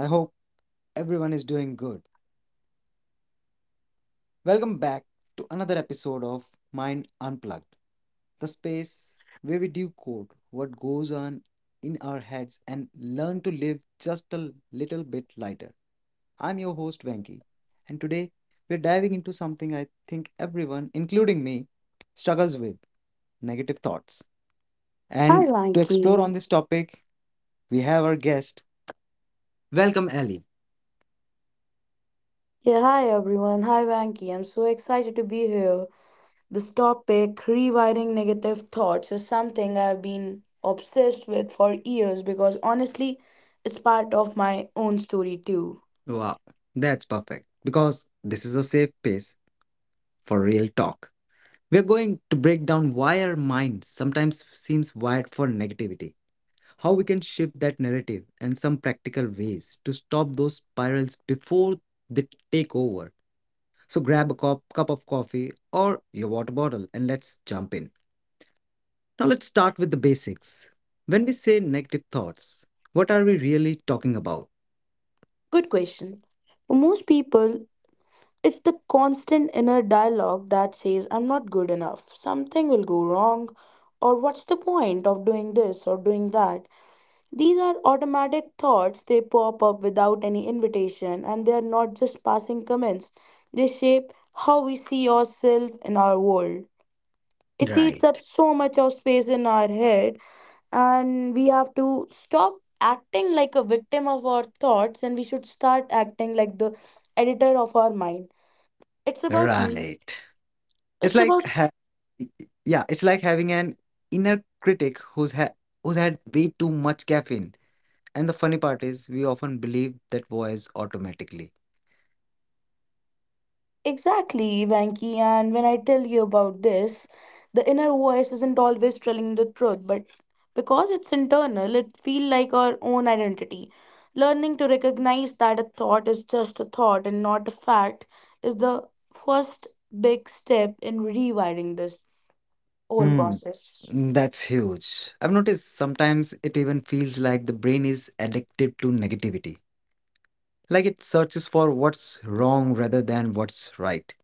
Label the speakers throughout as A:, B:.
A: I hope everyone is doing good. Welcome back to another episode of Mind Unplugged, the space where we decode what goes on in our heads and learn to live just a little bit lighter. I'm your host Venki, and today we're diving into something I think everyone, including me, struggles with negative thoughts.
B: Hi,
A: And to explore on
B: Lanky.
A: this topic, we have our guest. Welcome, Ali.
B: Yeah, hi everyone. Hi, Vanki. I'm so excited to be here. This topic, rewriting negative thoughts, is something I've been obsessed with for years because honestly, it's part of my own story too.
A: Wow, that's perfect because this is a safe space for real talk. We're going to break down why our mind sometimes seems wired for negativity, how we can shift that narrative, and some practical ways to stop those spirals before they take over. So grab a cup of coffee or your water bottle and let's jump in. Now, let's start with the basics. When we say negative thoughts, what are we really talking about?
B: Good question. For most people, it's the constant inner dialogue that says, I'm not good enough, something will go wrong, or what's the point of doing this or doing that? These are automatic thoughts, they pop up without any invitation, and they are not just passing comments. They shape how we see ourselves in our world. It eats up
A: Right,
B: so much of space in our head, and we have to stop acting like a victim of our thoughts and we should start acting like the editor of our mind. It's about
A: right. It's
B: it's
A: like
B: about
A: ha- yeah, it's like having an inner critic who's had way too much caffeine. And the funny part is, we often believe that voice automatically.
B: Exactly, Vanki. And when I tell you about this, the inner voice isn't always telling the truth, but because it's internal, it feels like our own identity. Learning to recognize that a thought is just a thought and not a fact is the first big step in rewiring this whole
A: Hmm,
B: process.
A: that's huge. I've noticed sometimes it even feels like the brain is addicted to negativity. Like it searches for what's wrong rather than what's right.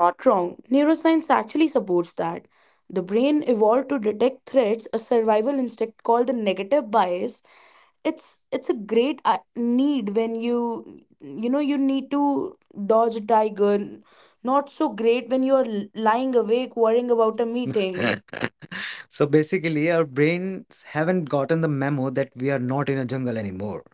B: Not wrong. Neuroscience actually supports that. The brain evolved to detect threats, a survival instinct called the negative bias. It's it's a great need when you need to dodge a tiger, not so great when you're lying awake worrying about a meeting.
A: So basically, our brains haven't gotten the memo that we are not in a jungle anymore.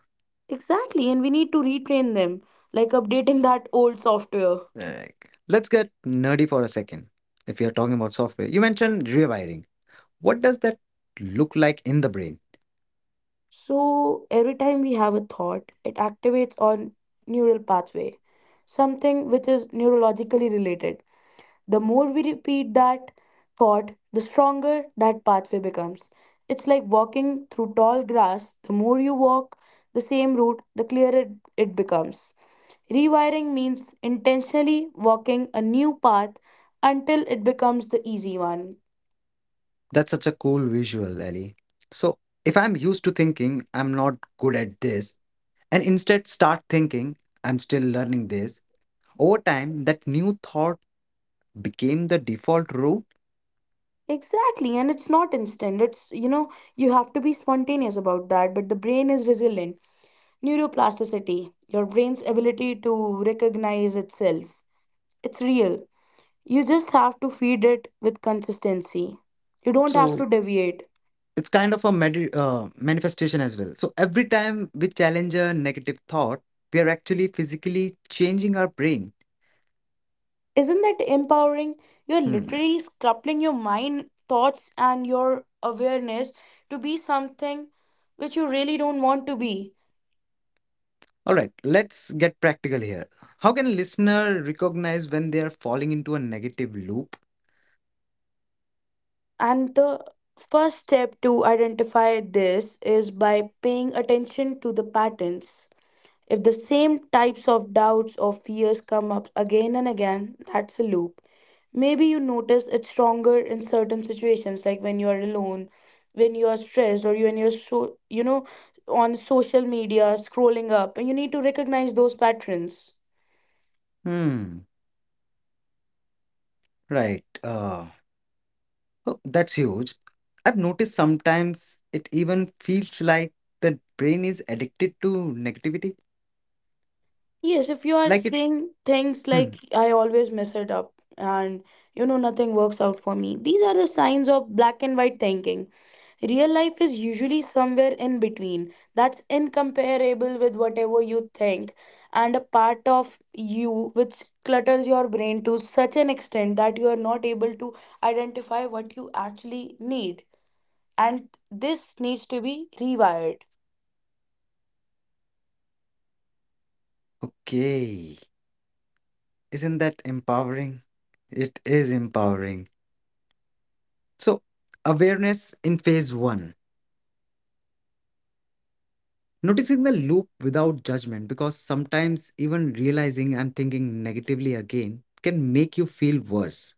B: Exactly, and we need to retrain them, like updating that old software.
A: Like, let's get nerdy for a second. If you're talking about software, you mentioned rewiring. What does that look like in the brain?
B: So every time we have a thought, it activates our neural pathway, something which is neurologically related. The more we repeat that thought, the stronger that pathway becomes. It's like walking through tall grass. The more you walk the same route, the clearer it becomes. Rewiring means intentionally walking a new path until it becomes the easy one.
A: That's such a cool visual, Ellie. So, if I'm used to thinking I'm not good at this, and instead start thinking I'm still learning this, over time, that new thought became the default route.
B: Exactly, and it's not instant. It's, you have to be spontaneous about that, but the brain is resilient. Neuroplasticity, your brain's ability to recognize itself. It's real. You just have to feed it with consistency. You don't have to
A: So
B: deviate.
A: it's kind of a medi manifestation as well. So every time we challenge a negative thought, we are actually physically changing our brain.
B: Isn't that empowering? You're
A: Hmm.
B: literally scrapping your mind, thoughts, and your awareness to be something which you really don't want to be.
A: All right, let's get practical here. How can a listener recognize when they are falling into a negative loop?
B: And the first step to identify this is by paying attention to the patterns. If the same types of doubts or fears come up again and again, that's a loop. Maybe you notice it's stronger in certain situations, like when you are alone, when you are stressed, when you're so you know on social media scrolling up, and you need to recognize those patterns.
A: Hmm. Right. Oh, that's huge. I've noticed sometimes it even feels like the brain is addicted to negativity.
B: Yes, if you are
A: Like it.
B: saying things
A: Hmm.
B: like I always mess it up, and nothing works out for me, these are the signs of black and white thinking. Real life is usually somewhere in between. That's incomparable with whatever you think, and a part of you which clutters your brain to such an extent that you are not able to identify what you actually need. And this needs to be rewired.
A: Okay. Isn't that empowering? It is empowering. So, awareness in phase one, noticing the loop without judgment, because sometimes even realizing I'm thinking negatively again can make you feel worse.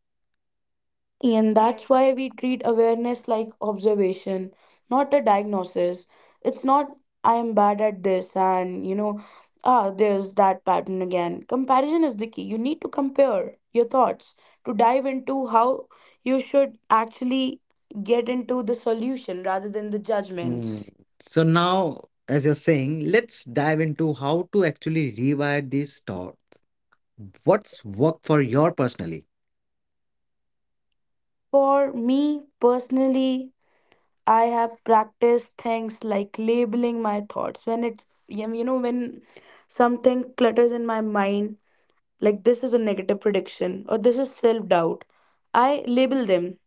B: And that's why we treat awareness like observation, not a diagnosis. It's not, I am bad at this, and there's that pattern again. Comparison is the key. You need to compare your thoughts to dive into how you should actually get into the solution rather than the judgments.
A: Mm. So, now, as you're saying, let's dive into how to actually rewire these thoughts. What's worked for your personally?
B: For me personally, I have practiced things like labeling my thoughts when it's, when something clutters in my mind, like this is a negative prediction or this is self doubt. I label them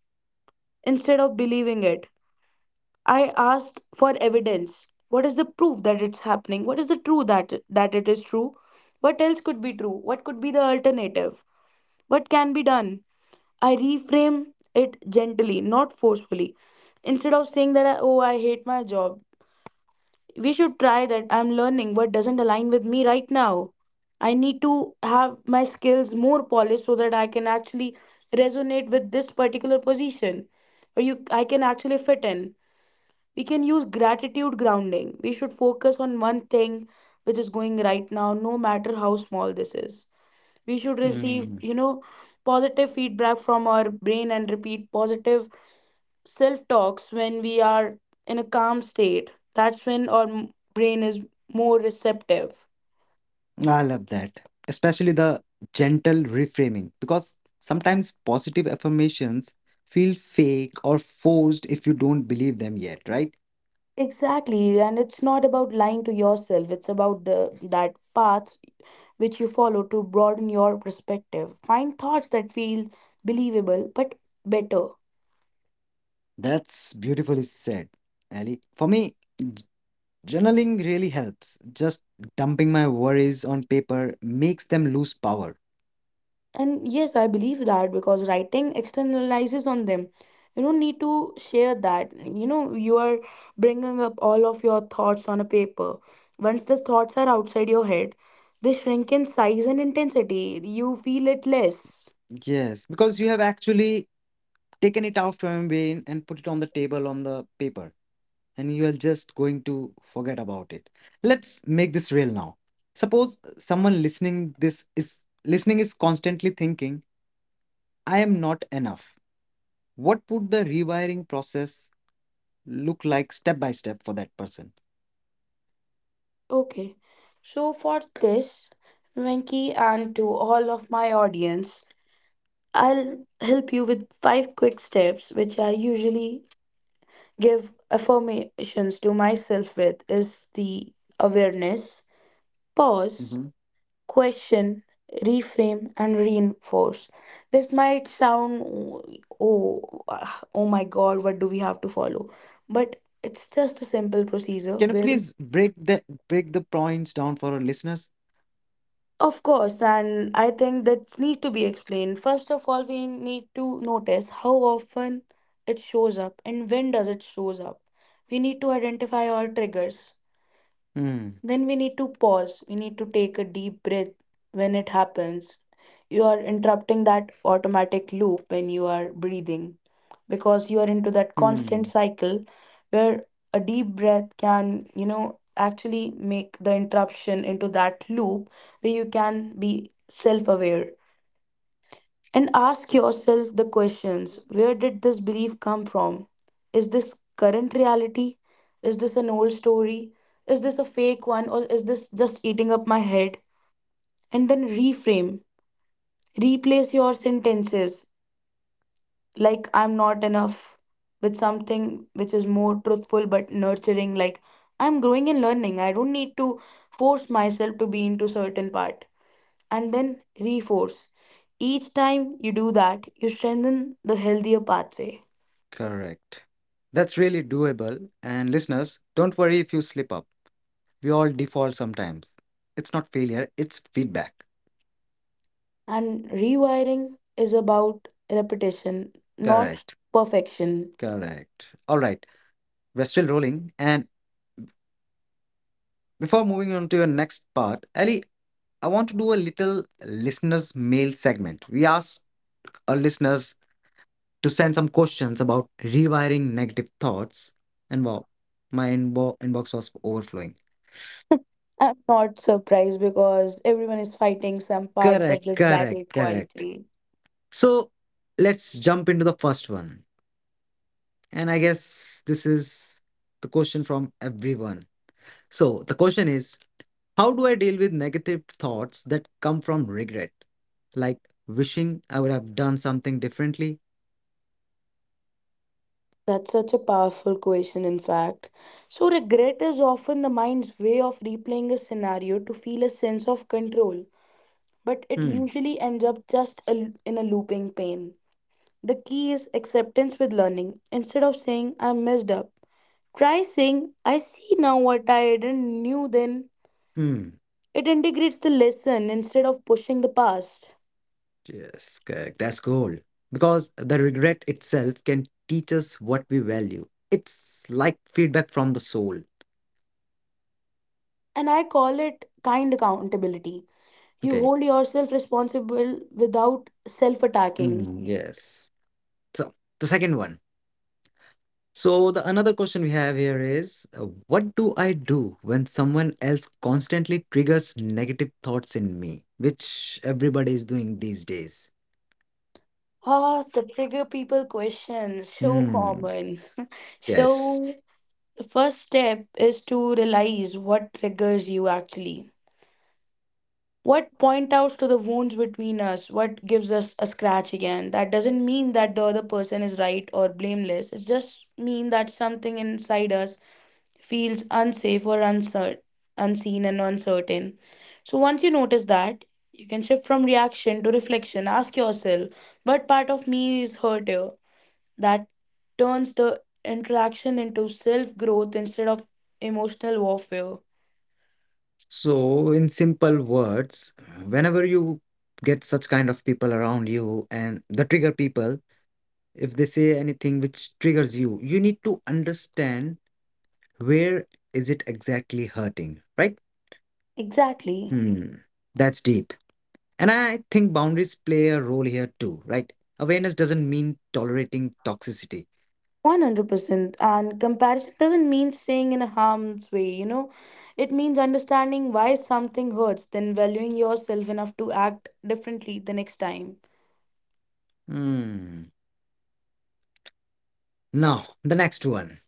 B: instead of believing it. I asked for evidence. What is the proof that it's happening? What is the truth that it is true? What else could be true? What could be the alternative? What can be done? I reframe it gently, not forcefully. Instead of saying that I hate my job, we should try that I'm learning what doesn't align with me right now. I need to have my skills more polished, so that I can actually resonate with this particular position, or you I can actually fit in. We can use gratitude grounding. We should focus on one thing which is going right now, no matter how small this is. We should receive,
A: Mm.
B: positive feedback from our brain, and repeat positive self talks when we are in a calm state. That's when our brain is more receptive.
A: I love that, especially the gentle reframing, because sometimes positive affirmations feel fake or forced if you don't believe them yet, right?
B: Exactly, and it's not about lying to yourself. It's about the that path which you follow to broaden your perspective. Find thoughts that feel believable but better.
A: That's beautifully said, Ali. For me, j- journaling really helps. Just dumping my worries on paper makes them lose power.
B: And yes, I believe that because writing externalizes on them. You don't need to share that. You are bringing up all of your thoughts on a paper. Once the thoughts are outside your head, they shrink in size and intensity. You feel it less.
A: Yes, because you have actually taken it out from your brain and put it on the table on the paper, and you are just going to forget about it. Let's make this real now. Suppose someone listening is constantly thinking, I am not enough. What would the rewiring process look like step by step for that person?
B: Okay. So for this, Venki, and to all of my audience, I'll help you with five quick steps which I usually give affirmations to myself with is the awareness, pause,
A: Hmm.
B: question, reframe, and reinforce. This might sound, oh, oh my god, what do we have to follow? But it's just a simple procedure
A: Can you
B: where,
A: please break the points down for our listeners?
B: of course, and I think that needs to be explained. First of all, we need to notice how often it shows up and when does it shows up. We need to identify our triggers,
A: Hmm.
B: then we need to pause. We need to take a deep breath when it happens. You are interrupting that automatic loop when you are breathing because you are into that constant
A: Hmm.
B: cycle where a deep breath can, actually make the interruption into that loop where you can be self aware. And ask yourself the questions. Where did this belief come from? Is this current reality? Is this an old story? Is this a fake one? Or is this just eating up my head? And then reframe, replace your sentences like I'm not enough with something which is more truthful but nurturing, like I'm growing and learning. I don't need to force myself to be into certain part and then reforce. Each time you do that, you strengthen the healthier pathway.
A: Correct. That's really doable. And listeners, don't worry if you slip up. We all default sometimes. It's not failure, it's feedback.
B: And rewiring is about repetition, not
A: Correct.
B: perfection.
A: Correct. All right. We're still rolling. And before moving on to your next part, Ali, I want to do a little listeners' mail segment. We ask our listeners to send some questions about rewiring negative thoughts. And wow, my inbox was overflowing.
B: I'm not surprised because everyone is fighting some parts of
A: Correct,
B: this
A: correct,
B: battle
A: correct.
B: quietly.
A: So let's jump into the first one. And I guess this is the question from everyone. So the question is: how do I deal with negative thoughts that come from regret? Like wishing I would have done something differently?
B: That's such a powerful question, in fact. So, regret is often the mind's way of replaying a scenario to feel a sense of control, but it
A: Hmm,
B: usually ends up just in a looping pain. The key is acceptance with learning. Instead of saying, I messed up, try saying, I see now what I didn't knew then.
A: hmm.
B: It integrates the lesson instead of pushing the past.
A: Yes, correct. That's gold. Because the regret itself can teach us what we value. It's like feedback from the soul.
B: And I call it kind accountability. You
A: Okay.
B: hold yourself responsible without self attacking.
A: Hmm, yes. So the second one. So the another question we have here is what do I do when someone else constantly triggers negative thoughts in me, which everybody is doing these days?
B: The trigger people questions, so
A: Hmm.
B: common.
A: Yes.
B: So, the first step is to realize what triggers you actually. What point outs to the wounds between us? What gives us a scratch again? That doesn't mean that the other person is right or blameless. It just means that something inside us feels unsafe or unseen and uncertain. So once you notice that, you can shift from reaction to reflection. Ask yourself, what part of me is hurt here? That turns the interaction into self growth instead of emotional warfare.
A: So in simple words, whenever you get such kind of people around you and the trigger people, if they say anything which triggers you, you need to understand where is it exactly hurting, right?
B: Exactly.
A: Hmm. That's deep. And I think boundaries play a role here too, right? Awareness doesn't mean tolerating toxicity.
B: 100% and comparison doesn't mean staying in harm's way, it means understanding why something hurts, then valuing yourself enough to act differently the next time.
A: Hmm. Now, the next one.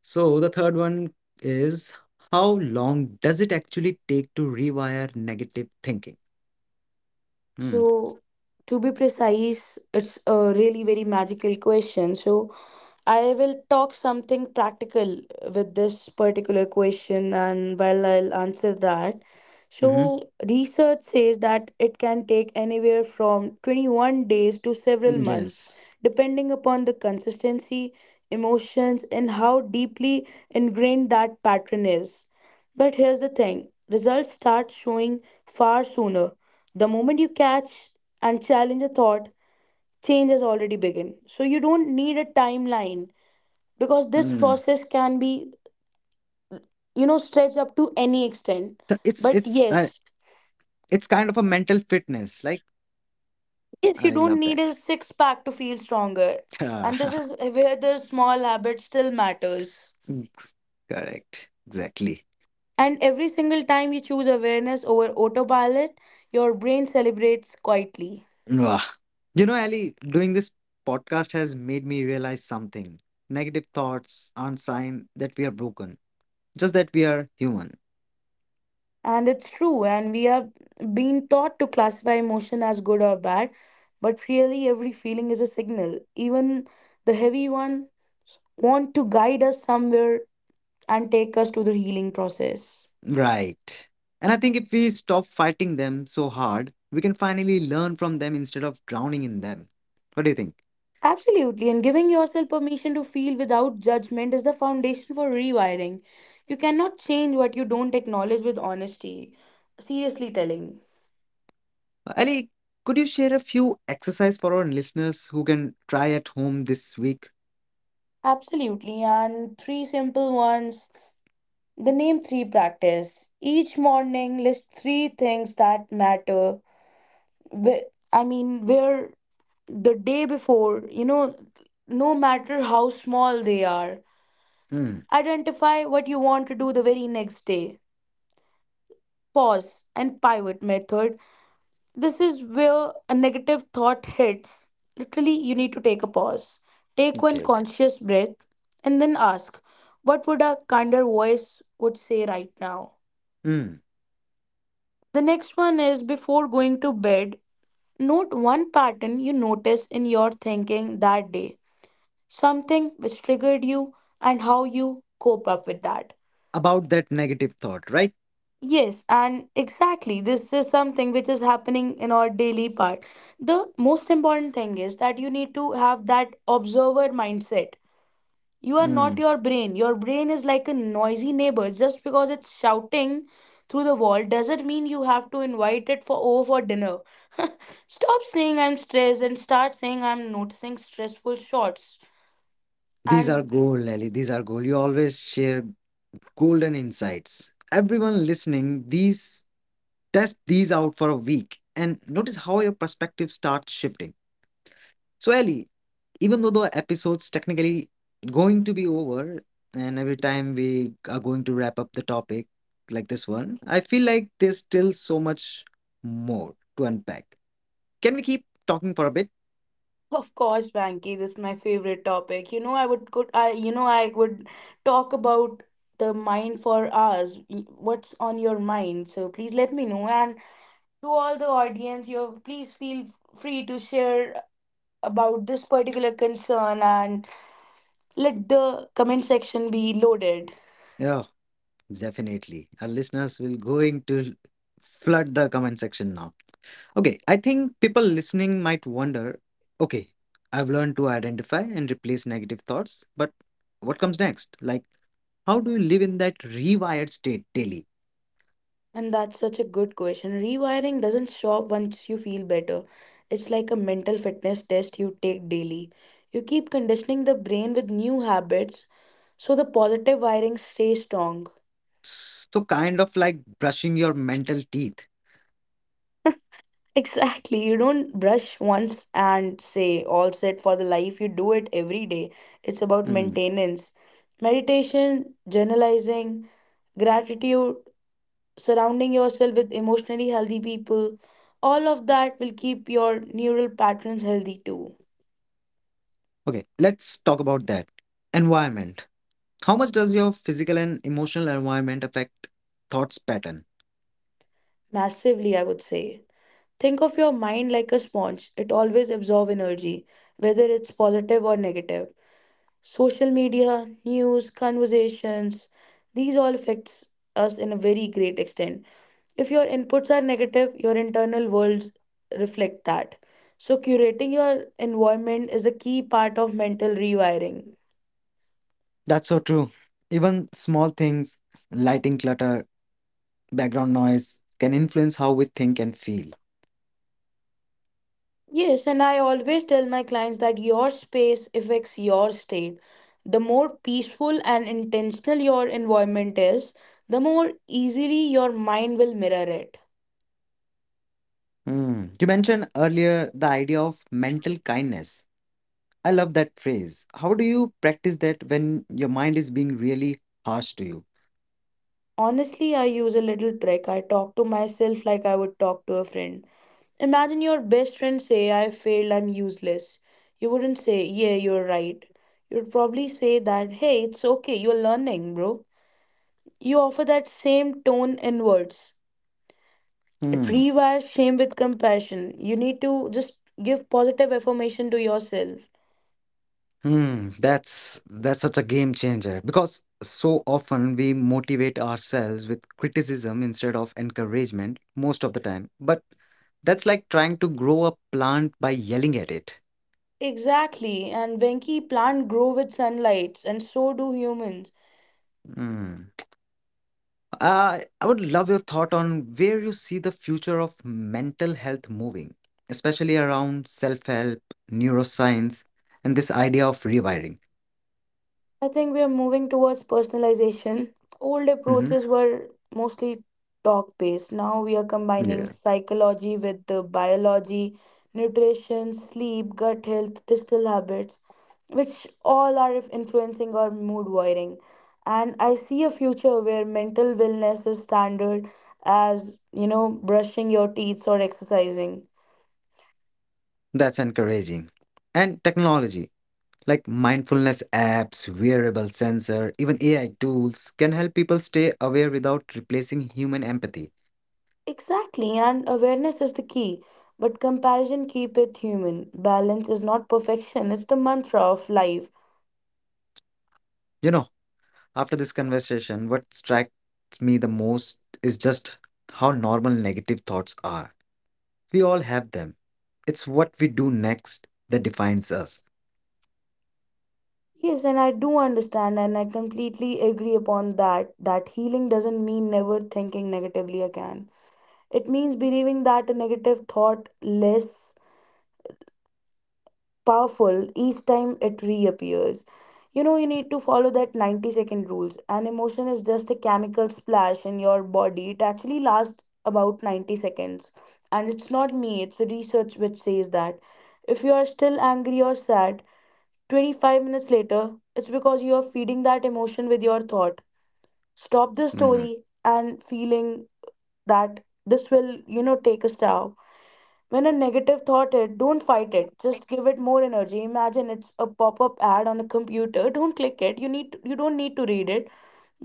A: So, the third one is how long does it actually take to rewire negative thinking? Hmm.
B: So to be precise, it's a really very magical question, so I will talk something practical with this particular question, and while I'll answer that.
A: Hmm.
B: So, research says that it can take anywhere from 21 days to several months,
A: Yes.
B: depending upon the consistency, emotions, and how deeply ingrained that pattern is. But here's the thing, results start showing far sooner. The moment you catch and challenge a thought, change has already begun. So, you don't need a timeline because this
A: Hmm.
B: process can be stretched up to any extent.
A: So
B: but yes
A: it's kind of a mental fitness. Like
B: yes you
A: I
B: don't
A: love
B: need
A: that.
B: a six pack to feel stronger. And this is where the small habit still matters.
A: Correct. Exactly.
B: And every single time you choose awareness over autopilot, your brain celebrates quietly.
A: Wah. You know, Ali, doing this podcast has made me realize something. Negative thoughts aren't sign that we are broken, just that we are human.
B: And it's true, and we have been taught to classify emotion as good or bad, but really every feeling is a signal. Even the heavy one want to guide us somewhere and take us to the healing process.
A: Right. And I think if we stop fighting them so hard, we can finally learn from them instead of drowning in them. What do you think?
B: Absolutely, and giving yourself permission to feel without judgment is the foundation for rewiring. You cannot change what you don't acknowledge with honesty. Seriously telling.
A: Ali, could you share a few exercise for our listeners who can try at home this week?
B: Absolutely, and three simple ones. The name three practice. Each morning, list three things that matter. Wh- I mean, where the day before, no matter how small they are,
A: Hmm.
B: identify what you want to do the very next day. Pause and pivot method. This is where a negative thought hits. Literally, you need to take a pause, take one
A: Okay.
B: conscious breath, and then ask, what would a kinder voice would say right now?
A: Hmm.
B: The next one is before going to bed, note one pattern you noticed in your thinking that day, something which triggered you and how you cope up with that.
A: About that negative thought, right?
B: Yes, and exactly. This is something which is happening in our daily part. The most important thing is that you need to have that observer mindset. You are not
A: Hmm.
B: your brain. Your brain is like a noisy neighbor. Just because it's shouting through the wall doesn't mean you have to invite it for over for dinner. Stop saying I'm stressed and start saying I'm noticing stressful shots.
A: These are
B: And
A: gold, Lally. These are gold. You always share golden insights. Everyone listening, these test these out for a week and notice how your perspective starts shifting. So, Ellie, even though the episode's technically going to be over, and every time we are going to wrap up the topic like this one, I feel like there's still so much more to unpack. Can we keep talking for a bit?
B: of course, Banky, this is my favorite topic. You know, I would could I you know I would talk about the mind for hours. What's on your mind? So please let me know. And to all the audience, you please feel free to share about this particular concern and let the comment section be loaded.
A: Yeah. Definitely. Our listeners will going to flood the comment section now. Okay, I think people listening might wonder, okay, I've learned to identify and replace negative thoughts, but what comes next? Like, how do you live in that rewired state daily?
B: And that's such a good question. Rewiring doesn't stop once you feel better. It's like a mental fitness test you take daily. You keep conditioning the brain with new habits. So the positive wiring stays strong.
A: So kind of like brushing your mental teeth.
B: Exactly. You don't brush once and say, all set for the life. You do it every day. It's about
A: Mm.
B: maintenance. Meditation, journalizing, gratitude, surrounding yourself with emotionally healthy people, all of that will keep your neural patterns healthy too.
A: Okay, let's talk about that. Environment. How much does your physical and emotional environment affect thoughts pattern?
B: Massively, I would say. Think of your mind like a sponge, it always absorbs energy, whether it's positive or negative. Social media, news, conversations, these all affects us in a very great extent. If your inputs are negative, your internal worlds reflect that. So curating your environment is a key part of mental rewiring.
A: That's so true. Even small things, lighting clutter, background noise, can influence how we think and feel.
B: Yes, and I always tell my clients that your space affects your state. The more peaceful and intentional your environment is, the more easily your mind will mirror it.
A: Hmm. You mentioned earlier the idea of mental kindness. I love that phrase. How do you practice that when your mind is being really harsh to you?
B: Honestly, I use a little trick. I talk to myself like I would talk to a friend. Imagine your best friend say, I failed, I'm useless. You wouldn't say, yeah, you're right. You'd probably say that, hey, it's okay, you're learning, bro. You offer that same tone in words. It
A: Hmm.
B: rewires shame with compassion. You need to just give positive affirmation to yourself.
A: That's such a game changer because so often we motivate ourselves with criticism instead of encouragement most of the time. But that's like trying to grow a plant by yelling at it.
B: Exactly, and Venki, plant grow with sunlight, and so do humans.
A: Mm. I would love your thought on where you see the future of mental health moving, especially around self-help, neuroscience, and this idea of rewiring.
B: I think we are moving towards personalization. Old
A: Hmm.
B: approaches were mostly talk based. Now we are combining
A: Yeah,
B: psychology with the biology, nutrition, sleep, gut health, digital habits, which all are influencing our mood wiring. And I see a future where mental wellness is standard as, you know, brushing your teeth or exercising.
A: that's encouraging. And technology, like mindfulness apps, wearable sensor, even AI tools can help people stay aware without replacing human empathy.
B: Exactly, and awareness is the key. But comparison keep it human. Balance is not perfection, it's the mantra of life.
A: You know, after this conversation, what strikes me the most is just how normal negative thoughts are. We all have them. It's what we do next that defines us.
B: Yes, and I do understand and I completely agree upon that that healing doesn't mean never thinking negatively again. It means believing that a negative thought less powerful each time it reappears. You know, you need to follow that 90-second rules. An emotion is just a chemical splash in your body. It actually lasts about 90 seconds. And it's not me, it's the research which says that. If you are still angry or sad, 25 minutes later, it's because you are feeding that emotion with your thought. Stop the
A: Mm.
B: story and feeling that this will, you know, take a stop. When a negative thought hit, don't fight it. Just give it more energy. Imagine it's a pop-up ad on a computer. Don't click it. You don't need to read it.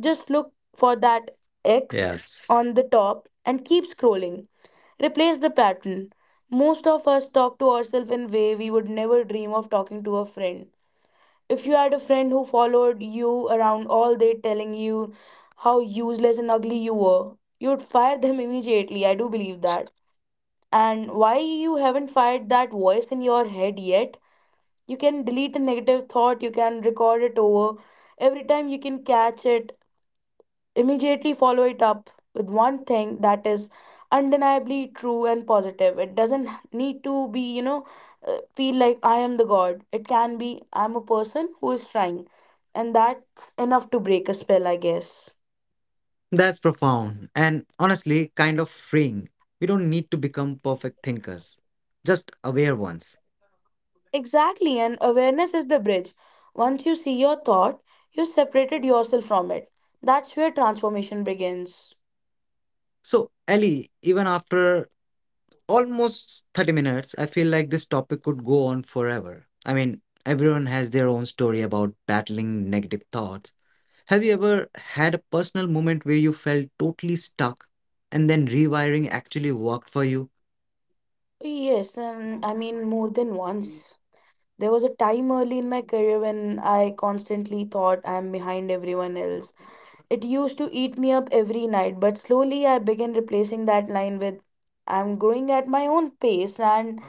B: Just look for that X
A: Yes.
B: on the top and keep scrolling. Replace the pattern. Most of us talk to ourselves in way we would never dream of talking to a friend. If you had a friend who followed you around all day telling you how useless and ugly you were, you would fire them immediately. I do believe that. And why you haven't fired that voice in your head yet? You can delete a negative thought, you can record it over every time you can catch it. Immediately follow it up with one thing that is undeniably true and positive. It doesn't need to be, you know, feel like I am the god. It can be I'm a person who is trying, and that's enough to break a spell, I guess.
A: That's profound and honestly kind of freeing. We don't need to become perfect thinkers, just aware ones.
B: Exactly, and awareness is the bridge. Once you see your thought, you separated yourself from it. That's where transformation begins.
A: So, Ellie, even after almost 30 minutes, I feel like this topic could go on forever. I mean, everyone has their own story about battling negative thoughts. Have you ever had a personal moment where you felt totally stuck and then rewiring actually worked for you?
B: Yes, and I mean more than once. There was a time early in my career when I constantly thought I'm behind everyone else. It used to eat me up every night, but slowly I began replacing that line with I'm growing at my own pace, and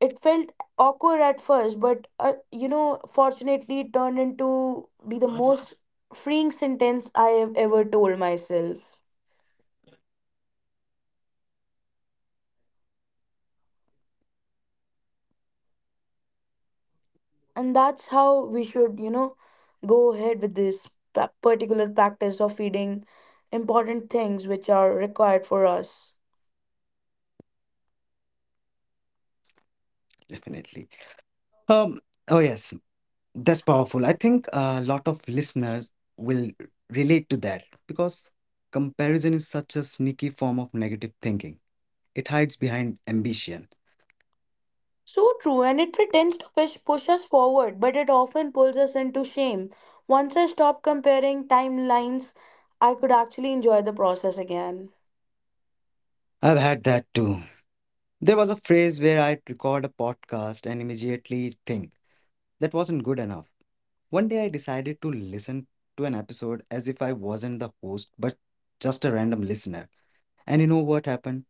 B: it felt awkward at first, but you know, fortunately it turned into be the most freeing sentence I have ever told myself. And that's how we should, you know, go ahead with this particular practice of feeding important things which are required for us.
A: Definitely. Um, oh, yes, that's powerful. I think a lot of listeners will relate to that because comparison is such a sneaky form of negative thinking. It hides behind ambition.
B: So true, and it pretends to push us forward but it often pulls us into shame. Once I stopped comparing timelines, I could actually enjoy the process again.
A: I've had that too. There was a phrase where I'd record a podcast and immediately think that wasn't good enough. One day I decided to listen to an episode as if I wasn't the host but just a random listener. And you know what happened?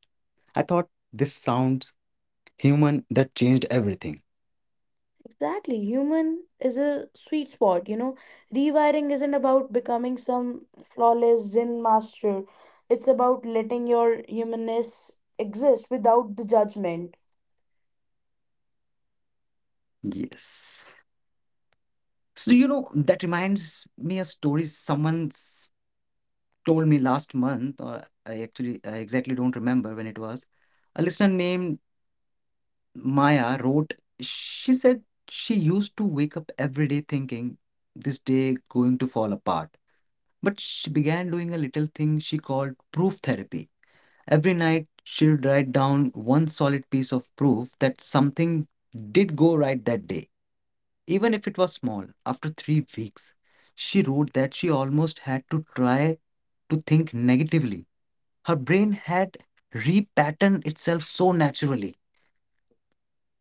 A: I thought this sounds human that changed everything.
B: Exactly. Human is a sweet spot, you know. Rewiring isn't about becoming some flawless Zen master. It's about letting your humanness exist without the judgment.
A: Yes. So you know that reminds me a story told me last month, or I exactly don't remember when it was. A listener named Maya wrote. She said she used to wake up every day thinking this day going to fall apart. But she began doing a little thing she called proof therapy. Every night, she would write down one solid piece of proof that something did go right that day, even if it was small. After 3 weeks, she wrote that she almost had to try to think negatively. Her brain had repatterned itself so naturally.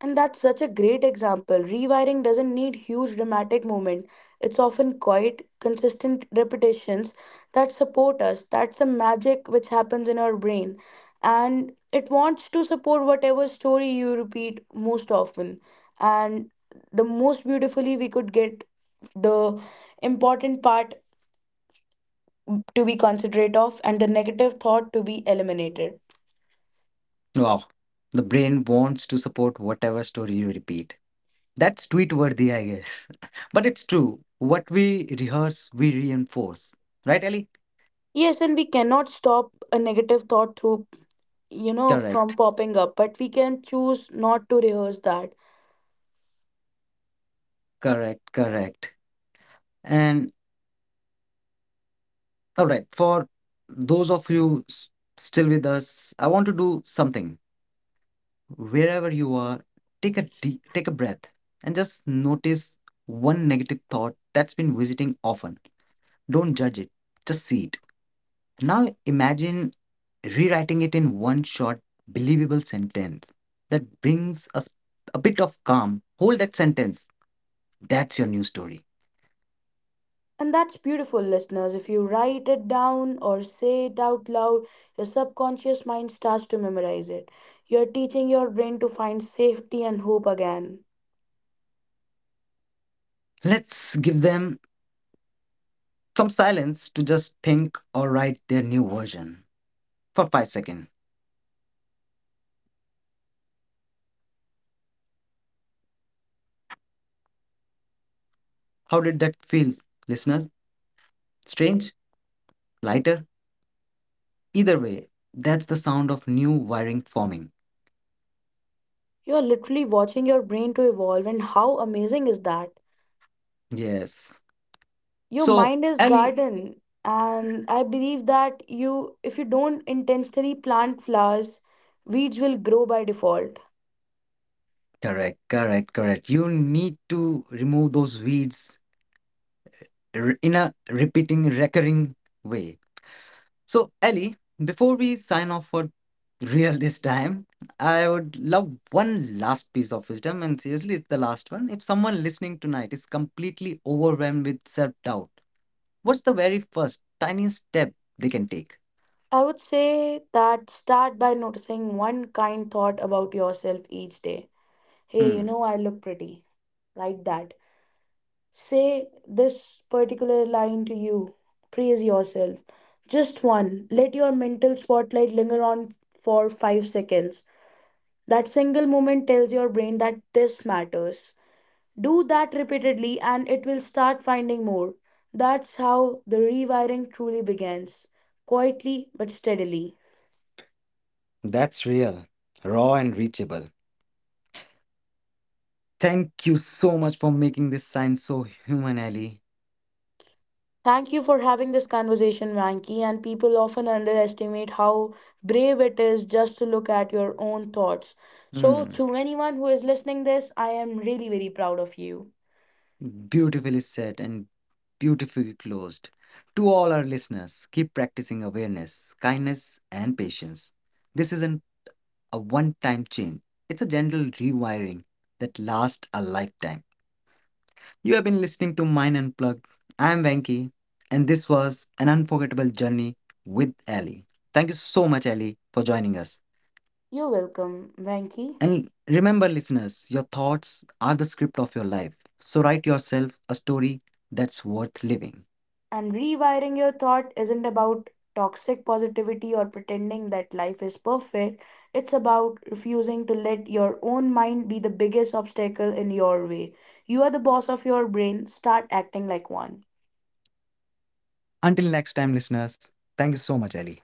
B: And that's such a great example. Rewiring doesn't need huge dramatic movement. It's often quiet, consistent repetitions that support us. That's the magic which happens in our brain. And it wants to support whatever story you repeat most often. And the most beautifully we could get the important part to be considerate of and the negative thought to be eliminated.
A: Wow. The brain wants to support whatever story you repeat. That's tweet worthy, I guess. But it's true. What we rehearse, we reinforce. Right, Ellie?
B: Yes, and we cannot stop a negative thought through, you know,
A: Correct,
B: from popping up, but we can choose not to rehearse that.
A: correct, correct. And all right, for those of you s- still with us, I want to do something. Wherever you are, take a breath and just notice one negative thought that's been visiting often. Don't judge it. Just see it. Now imagine rewriting it in one short, believable sentence that brings us a bit of calm. Hold that sentence. That's your new story.
B: And that's beautiful, listeners. If you write it down or say it out loud, your subconscious mind starts to memorize it. You're teaching your brain to find safety and hope again.
A: Let's give them some silence to just think or write their new version for 5 seconds. How did that feel, listeners? Strange? Lighter? Either way, that's the sound of new wiring forming.
B: You're literally watching your brain to evolve, and how amazing is that?
A: Yes.
B: Your
A: So,
B: mind is
A: Ali,
B: garden, and I believe that you, if you don't intentionally plant flowers, weeds will grow by default.
A: correct, correct, correct. You need to remove those weeds in a repeating, recurring way. So, Ellie, before we sign off for real this time, I would love one last piece of wisdom, and seriously, it's the last one. If someone listening tonight is completely overwhelmed with self doubt, what's the very first tiny step they can take?
B: I would say that start by noticing one kind thought about yourself each day. Hey, you
A: Hmm,
B: know, I look pretty. Write that. Say this particular line to you. Praise yourself. Just one. Let your mental spotlight linger on for 5 seconds. That single moment tells your brain that this matters. Do that repeatedly and it will start finding more. That's how the rewiring truly begins quietly but steadily.
A: that's real, raw, and reachable. Thank you so much for making this sign so human, Ellie.
B: Thank you for having this conversation, Vanki. And people often underestimate how brave it is just to look at your own thoughts. So,
A: Hmm.
B: to anyone who is listening this, I am really very proud of you.
A: Beautifully said and beautifully closed. To all our listeners, keep practicing awareness, kindness, and patience. This isn't a one time change, it's a gentle rewiring that lasts a lifetime. You have been listening to Mind Unplugged. I'm Venki, and this was an unforgettable journey with Ali. Thank you so much, Ali, for joining us.
B: You're welcome, Vanki.
A: And remember, listeners, your thoughts are the script of your life. So write yourself a story that's worth living.
B: And rewiring your thought isn't about toxic positivity or pretending that life is perfect. It's about refusing to let your own mind be the biggest obstacle in your way. You are the boss of your brain. Start acting like one.
A: Until next time, listeners, thank you so much, Ellie.